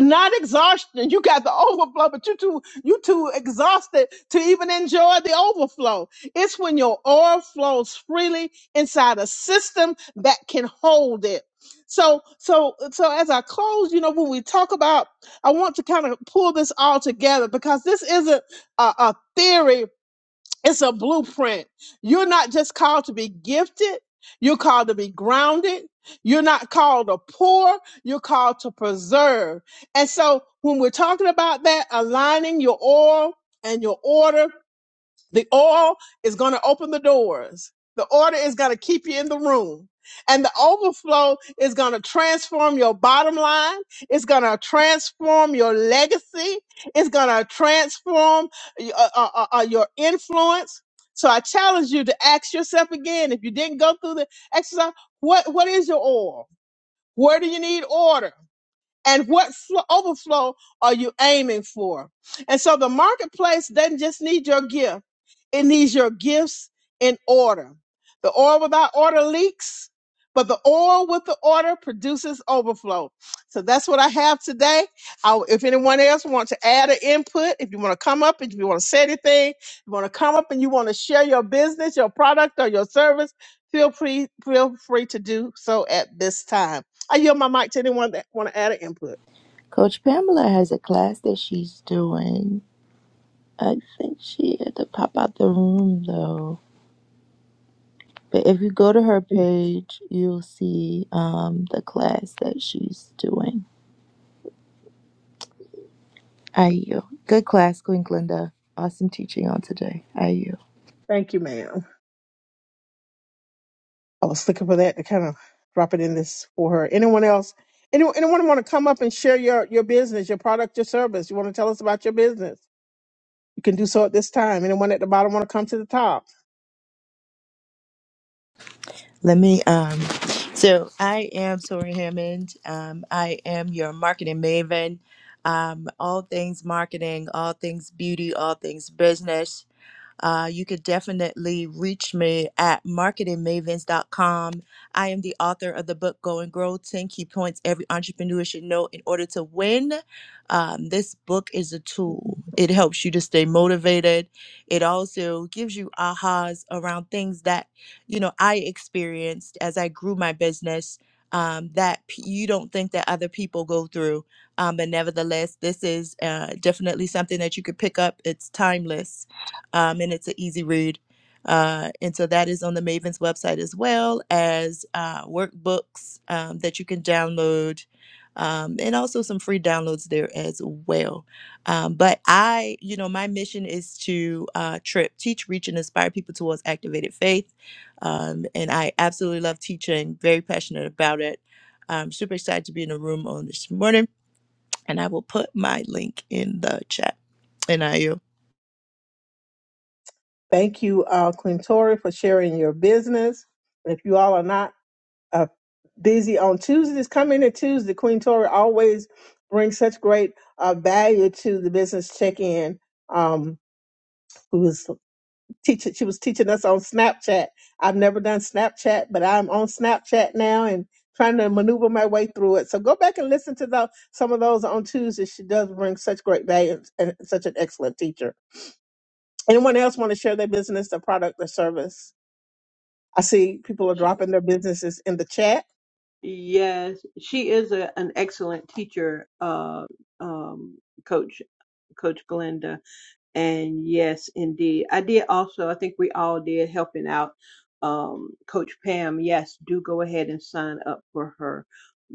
Speaker 1: not exhaustion. You got the overflow, but you too you too exhausted to even enjoy the overflow. It's when your oil flows freely inside a system that can hold it. So so so as I close, you know, when we talk about, I want to kind of pull this all together because this isn't a, a theory it's a blueprint. You're not just called to be gifted, you're called to be grounded. You're not called to pour, you're called to preserve. And so when we're talking about that, aligning your oil and your order, the oil is going to open the doors. The order is going to keep you in the room. And the overflow is going to transform your bottom line. It's going to transform your legacy. It's going to transform uh, uh, uh, uh, your influence. So I challenge you to ask yourself again if you didn't go through the exercise, what, what is your oil? Where do you need order? and what fl- overflow are you aiming for? And so the marketplace doesn't just need your gift, it needs your gifts in order. The oil without order leaks, but the oil with the order produces overflow. So that's what I have today. I, if anyone else wants to add an input, if you want to come up and if you want to say anything, you want to come up and you want to share your business, your product, or your service, feel free, feel free to do so at this time. I yield my mic to anyone that want to add an input.
Speaker 3: Coach Pamela has a class that she's doing I think she had to pop out the room though. But if you go to her page, you'll see um, the class that she's doing. IU. Good class, Queen Glinda. Awesome teaching on today. IU.
Speaker 1: Thank you, ma'am. I was looking for that to kind of drop it in this for her. Anyone else? Anyone, anyone want to come up and share your, your business, your product, your service? You want to tell us about your business? You can do so at this time. Anyone at the bottom want to come to the top?
Speaker 3: Let me um so I am Tori Hammond. Um, I am your marketing maven. Um, all things marketing, all things beauty, all things business. Uh, you could definitely reach me at marketing mavens dot com. I am the author of the book Go and Grow 10 Key Points Every Entrepreneur Should Know in Order to Win. Um, this book is a tool, it helps you to stay motivated. It also gives you ahas around things that, you know, I experienced as I grew my business. Um, that p- you don't think that other people go through um, but nevertheless this is uh, definitely something that you could pick up it's timeless um, and it's an easy read. Uh, and so that is on the Maven's website as well as uh, workbooks um, that you can download, um, and also some free downloads there as well. Um, but I, you know, my mission is to uh, trip, teach, reach, and inspire people towards activated faith. Um, and I absolutely love teaching, very passionate about it. I'm super excited to be in the room on this morning, and I will put my link in the chat. And I you.
Speaker 1: Thank you, uh, Clintori, for sharing your business. And if you all are not uh, busy on Tuesdays, come in at Tuesday. Queen Tori always brings such great uh, value to the business check-in. Um, who was teaching? She was teaching us on Snapchat. I've never done Snapchat, but I'm on Snapchat now and trying to maneuver my way through it. So go back and listen to the, some of those on Tuesday. She does bring such great value and such an excellent teacher. Anyone else want to share their business, their product, their service? I see people are
Speaker 5: She
Speaker 1: dropping their businesses in the chat.
Speaker 5: yes, she is a, an excellent teacher, uh, um, coach, Coach Glenda. And yes, indeed. I did also, I think we all did helping out um, Coach Pam. Yes, do go ahead and sign up for her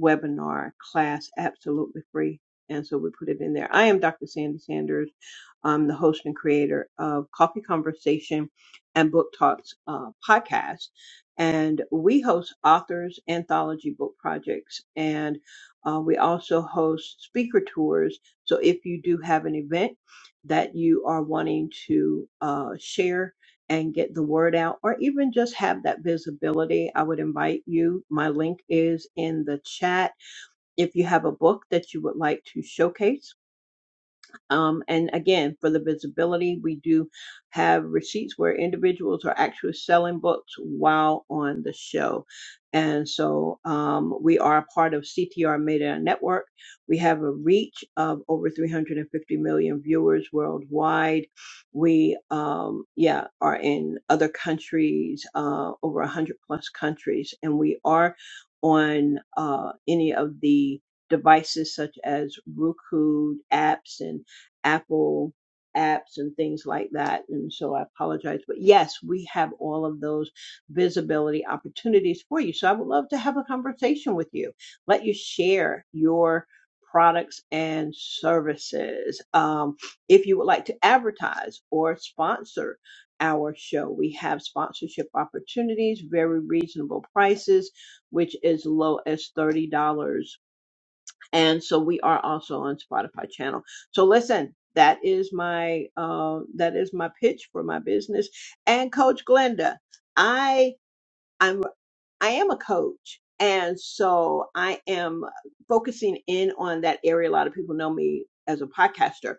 Speaker 5: webinar class, absolutely free. And so we put it in there. I am Dr. Sandy Sanders. I'm the host and creator of Coffee Conversation and Book Talks uh, podcast. And we host authors, anthology book projects, and uh, we also host speaker tours. So if you do have an event, that you are wanting to uh, share and get the word out, or even just have that visibility, I would invite you. My link is in the chat. If you have a book that you would like to showcase, um, and again, for the visibility, we do have receipts where individuals are actually selling books while on the show. And so um, we are a part of CTR Media Network. We have a reach of over 350 million viewers worldwide. We, um, yeah, are in other countries, uh, over 100 plus countries, and we are on uh, any of the devices such as Roku apps and Apple apps and things like that. And so I apologize. But yes, we have all of those visibility opportunities for you. So I would love to have a conversation with you, let you share your products and services. Um, if you would like to advertise or sponsor, our show. We have sponsorship opportunities, very reasonable prices, which is low as $30 and so we are also on spotify channel so listen that is my uh that is my pitch for my business and coach glenda i i'm I am a coach. And so I am focusing in on that area. A lot of people know me as a podcaster,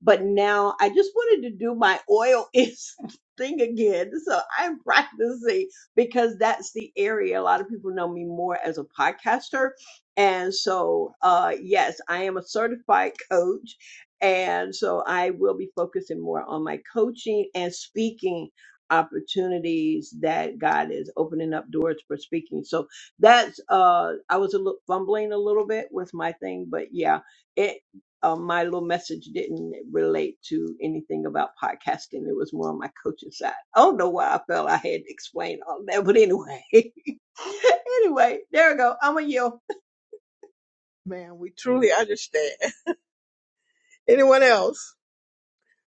Speaker 5: but now I just wanted to do my oil is thing again. So I'm practicing because that's the area. A lot of people know me more as a podcaster. And so, uh, yes, I am a certified coach. And so I will be focusing more on my coaching and speaking opportunities that God is opening up doors for speaking. So that's uh I was a little fumbling a little bit with my thing, but yeah, it uh, my little message didn't relate to anything about podcasting. It was more on my coaching side. I don't know why I felt I had to explain all that, but anyway, anyway, there we go. I'm a yield.
Speaker 1: Man, we truly understand. Anyone else?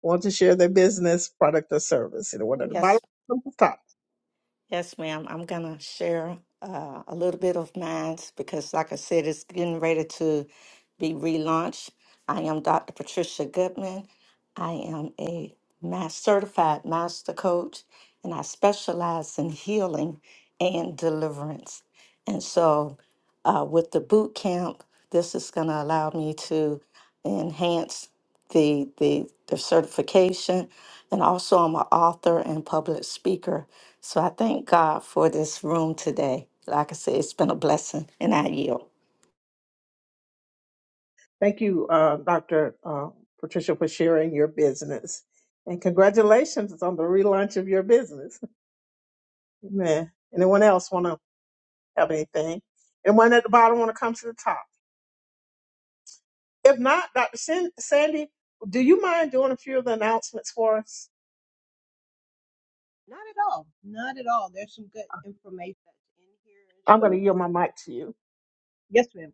Speaker 1: want to share their business, product, or service. Either one at the
Speaker 2: Yes.
Speaker 1: bottom or the top.
Speaker 2: Yes, ma'am. I'm going to share uh, a little bit of mine because, like I said, it's getting ready to be relaunched. I am Dr. Patricia Goodman. I am a mass certified master coach, and I specialize in healing and deliverance. And so uh, with the boot camp, this is going to allow me to enhance the, the the certification, and also I'm an author and public speaker. So I thank God for this room today. Like I said, it's been a blessing, and I yield.
Speaker 1: Thank you, uh, Dr. Uh, Patricia, for sharing your business. And congratulations on the relaunch of your business. Amen. Anyone else want to have anything? Anyone at the bottom want to come to the top? If not, Dr. San- Sandy, do you mind doing a few of the announcements for us?
Speaker 5: Not at all. Not at all. There's some good information that's in here.
Speaker 1: I'm going to
Speaker 5: So
Speaker 1: yield my mic to you.
Speaker 5: yes, ma'am.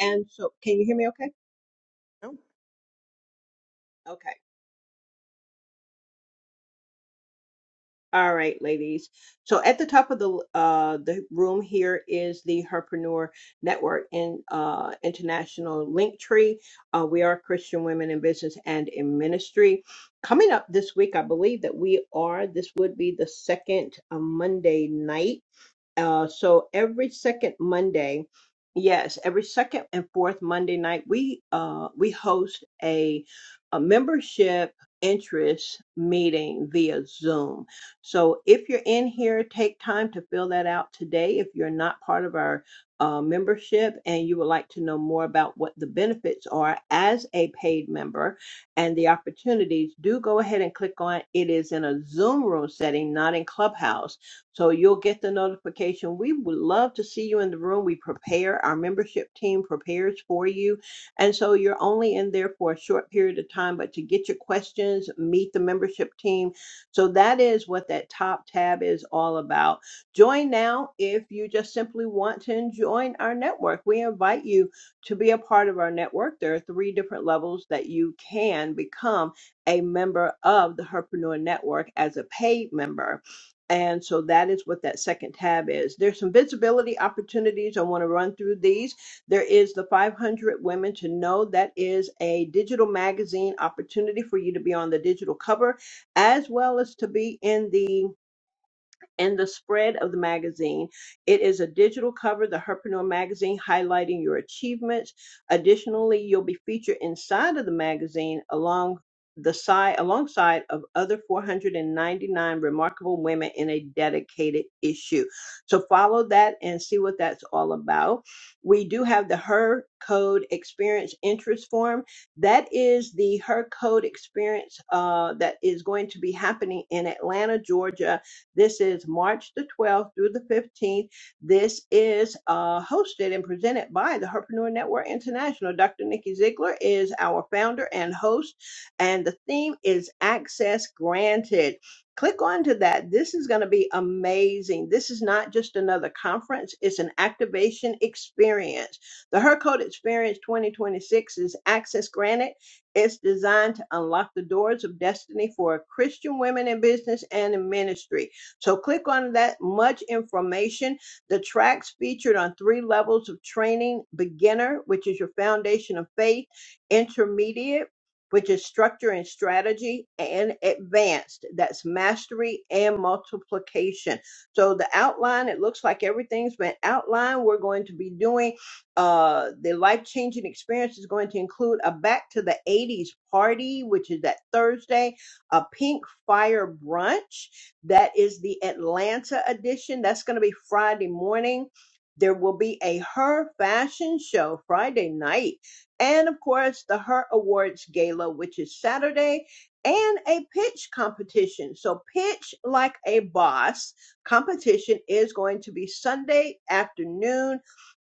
Speaker 5: And so, can you hear me? Okay. Okay. All right, ladies. So at the top of the uh, the room here is the Herpreneur Network and uh, International link tree. Uh, we are Christian women in business and in ministry. Coming up this week, I believe that we are. This would be the second uh, Monday night uh, so every second Monday, yes, every second and fourth Monday night, we uh, we host a, a membership interest meeting via Zoom. So if you're in here, take time to fill that out today. If you're not part of our uh, membership and you would like to know more about what the benefits are as a paid member and the opportunities, do go ahead and click on it is in a Zoom room setting, not in Clubhouse so you'll get the notification. We would love to see you in the room. We prepare, our membership team prepares for you. And so you're only in there for a short period of time, but to get your questions, meet the membership team. So that is what that top tab is all about. Join now if you just simply want to join our network. We invite you to be a part of our network. There are three different levels that you can become a member of the Herpreneur Network as a paid member and so that is what that second tab is. There's some visibility opportunities. I want to run through these. There is the 500 Women to Know. That is a digital magazine opportunity for you to be on the digital cover as well as to be in the and the spread of the magazine. It is a digital cover, the Herpreneur magazine, highlighting your achievements. Additionally, you'll be featured inside of the magazine along the side alongside of other 499 remarkable women in a dedicated issue. So follow that and see what that's all about. We do have the Her Code Experience Interest Form. That is the Her Code Experience uh, that is going to be happening in Atlanta, Georgia this is March the 12th through the 15th. This is uh, hosted and presented by the Herpreneur Network International. Dr. Nikki Ziegler is our founder and host, and the theme is Access Granted. Click onto that. This is going to be amazing. This is not just another conference, it's an activation experience. The Her Experience 2026 is Access Granted. It's designed to unlock the doors of destiny for Christian women in business and in ministry. So click on that much information. The tracks featured on three levels of training beginner, which is your foundation of faith, intermediate, which is structure and strategy, and advanced, that's mastery and multiplication. So the outline, it looks like everything's been outlined. We're going to be doing uh, the life changing experience is going to include a back to the 80s party, which is that Thursday a Pink Fire Brunch. That is the Atlanta edition. That's going to be Friday morning. There will be a Her Fashion Show Friday night. And of course, the Her Awards Gala, which is Saturday, and a pitch competition. So, Pitch Like a Boss competition is going to be Sunday afternoon.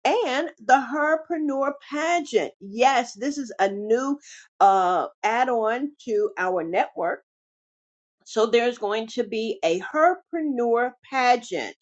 Speaker 5: And the Herpreneur Pageant. Yes, this is a new uh, add on to our network so there's going to be a herpreneur pageant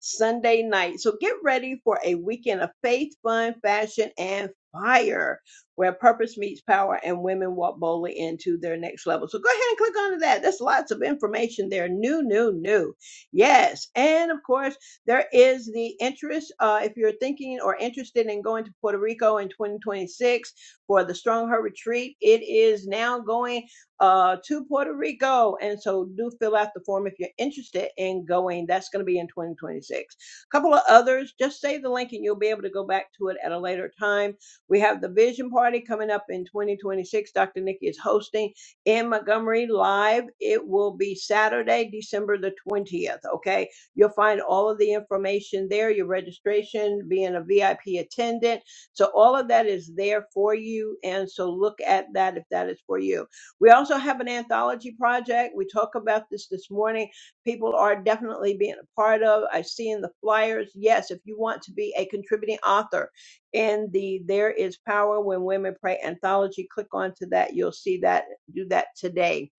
Speaker 5: Sunday night. So get ready for a weekend of faith, fun, fashion, and fire where purpose meets power and women walk boldly into their next level. So go ahead and click onto that. There's lots of information there. New, new, new. Yes. And of course, there is the interest. Uh, if you're thinking or interested in going to Puerto Rico in 2026 for the Strong Her Retreat, it is now going uh, to Puerto Rico. And so do fill out the form if you're interested in going. That's going to be in 2026. A couple of others, just save the link and you'll be able to go back to it at a later time. We have the Vision Party coming up in 2026. Dr. Nikki is hosting in Montgomery live. It will be Saturday, December the 20th. Okay. You'll find all of the information there, your registration, being a VIP attendant. So all of that is there for you. And so look at that if that is for you. We also have an anthology project. We talked about this this morning. People are definitely being a part of. I see in the flyers. Yes, if you want to be a contributing author in the There Is Power When Women Pray anthology, click onto that. You'll see that. Do that today.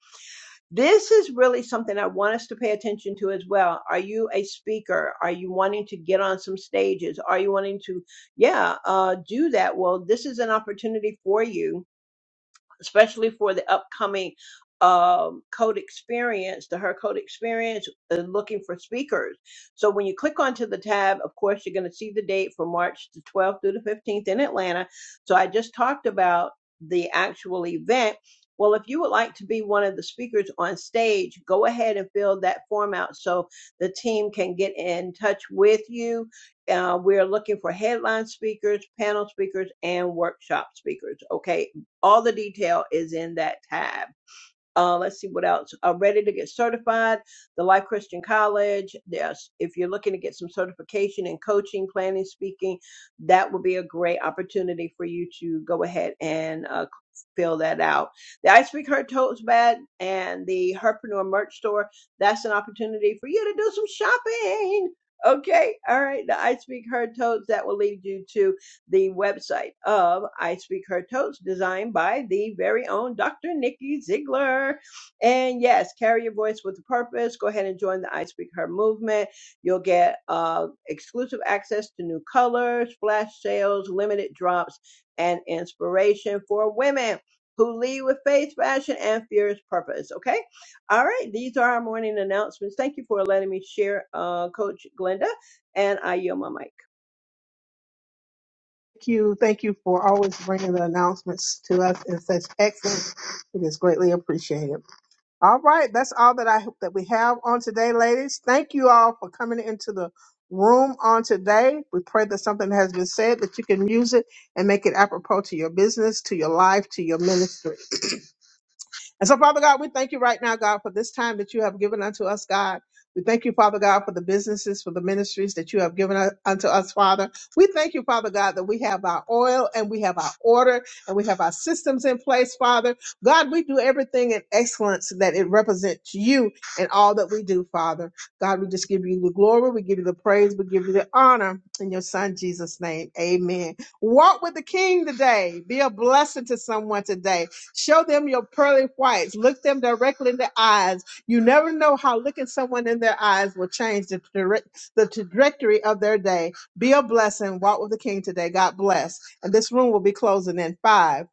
Speaker 5: This is really something I want us to pay attention to as well. Are you a speaker? Are you wanting to get on some stages? Are you wanting to, yeah, uh, do that? Well, this is an opportunity for you especially for the upcoming um, code experience, the Her Code experience, uh, looking for speakers. So when you click onto the tab, of course, you're going to see the date for March the 12th through the 15th in Atlanta. So I just talked about the actual event. Well, if you would like to be one of the speakers on stage, go ahead and fill that form out so the team can get in touch with you. Uh, we're looking for headline speakers, panel speakers, and workshop speakers. Okay all the detail is in that tab. Uh, let's see what else. Uh, ready to get certified, the Life Christian College. Yes, if you're looking to get some certification in coaching, planning, speaking, that would be a great opportunity for you to go ahead and uh, fill that out. The I Speak Her Totes Bag and the Herpreneur merch store, that's an opportunity for you to do some shopping. Okay, all right. The I Speak Her Totes, that will lead you to the website of I Speak Her Toast, designed by the very own Dr. Nikki Ziegler. And yes, carry your voice with a purpose. Go ahead and join the I Speak Her movement. You'll get uh, exclusive access to new colors, flash sales, limited drops, and inspiration for women. Who lead with faith, fashion, and fierce purpose. Okay. All right. These are our morning announcements. Thank you for letting me share, uh, Coach Glenda, and I yield my mic.
Speaker 1: Thank you. Thank you for always bringing the announcements to us in such excellence. It is greatly appreciated. All right. That's all that I that we have on today, ladies. Thank you all for coming into the room on today. We pray that something has been said that you can use it and make it apropos to your business, to your life, to your ministry. And so, Father God, we thank you right now, God, for this time that you have given unto us, God. We thank you, Father God, for the businesses, for the ministries that you have given u- unto us, Father. We thank you, Father God, that we have our oil and we have our order and we have our systems in place, Father. God, we do everything in excellence that it represents you in all that we do, Father. God, we just give you the glory, we give you the praise, we give you the honor in your Son, Jesus' name. Amen. Walk with the King today. Be a blessing to someone today. Show them your pearly whites. Look them directly in the eyes. You never know how looking someone in their eyes will change the, direct, the trajectory of their day. Be a blessing. Walk with the King today. God bless. And this room will be closing in five.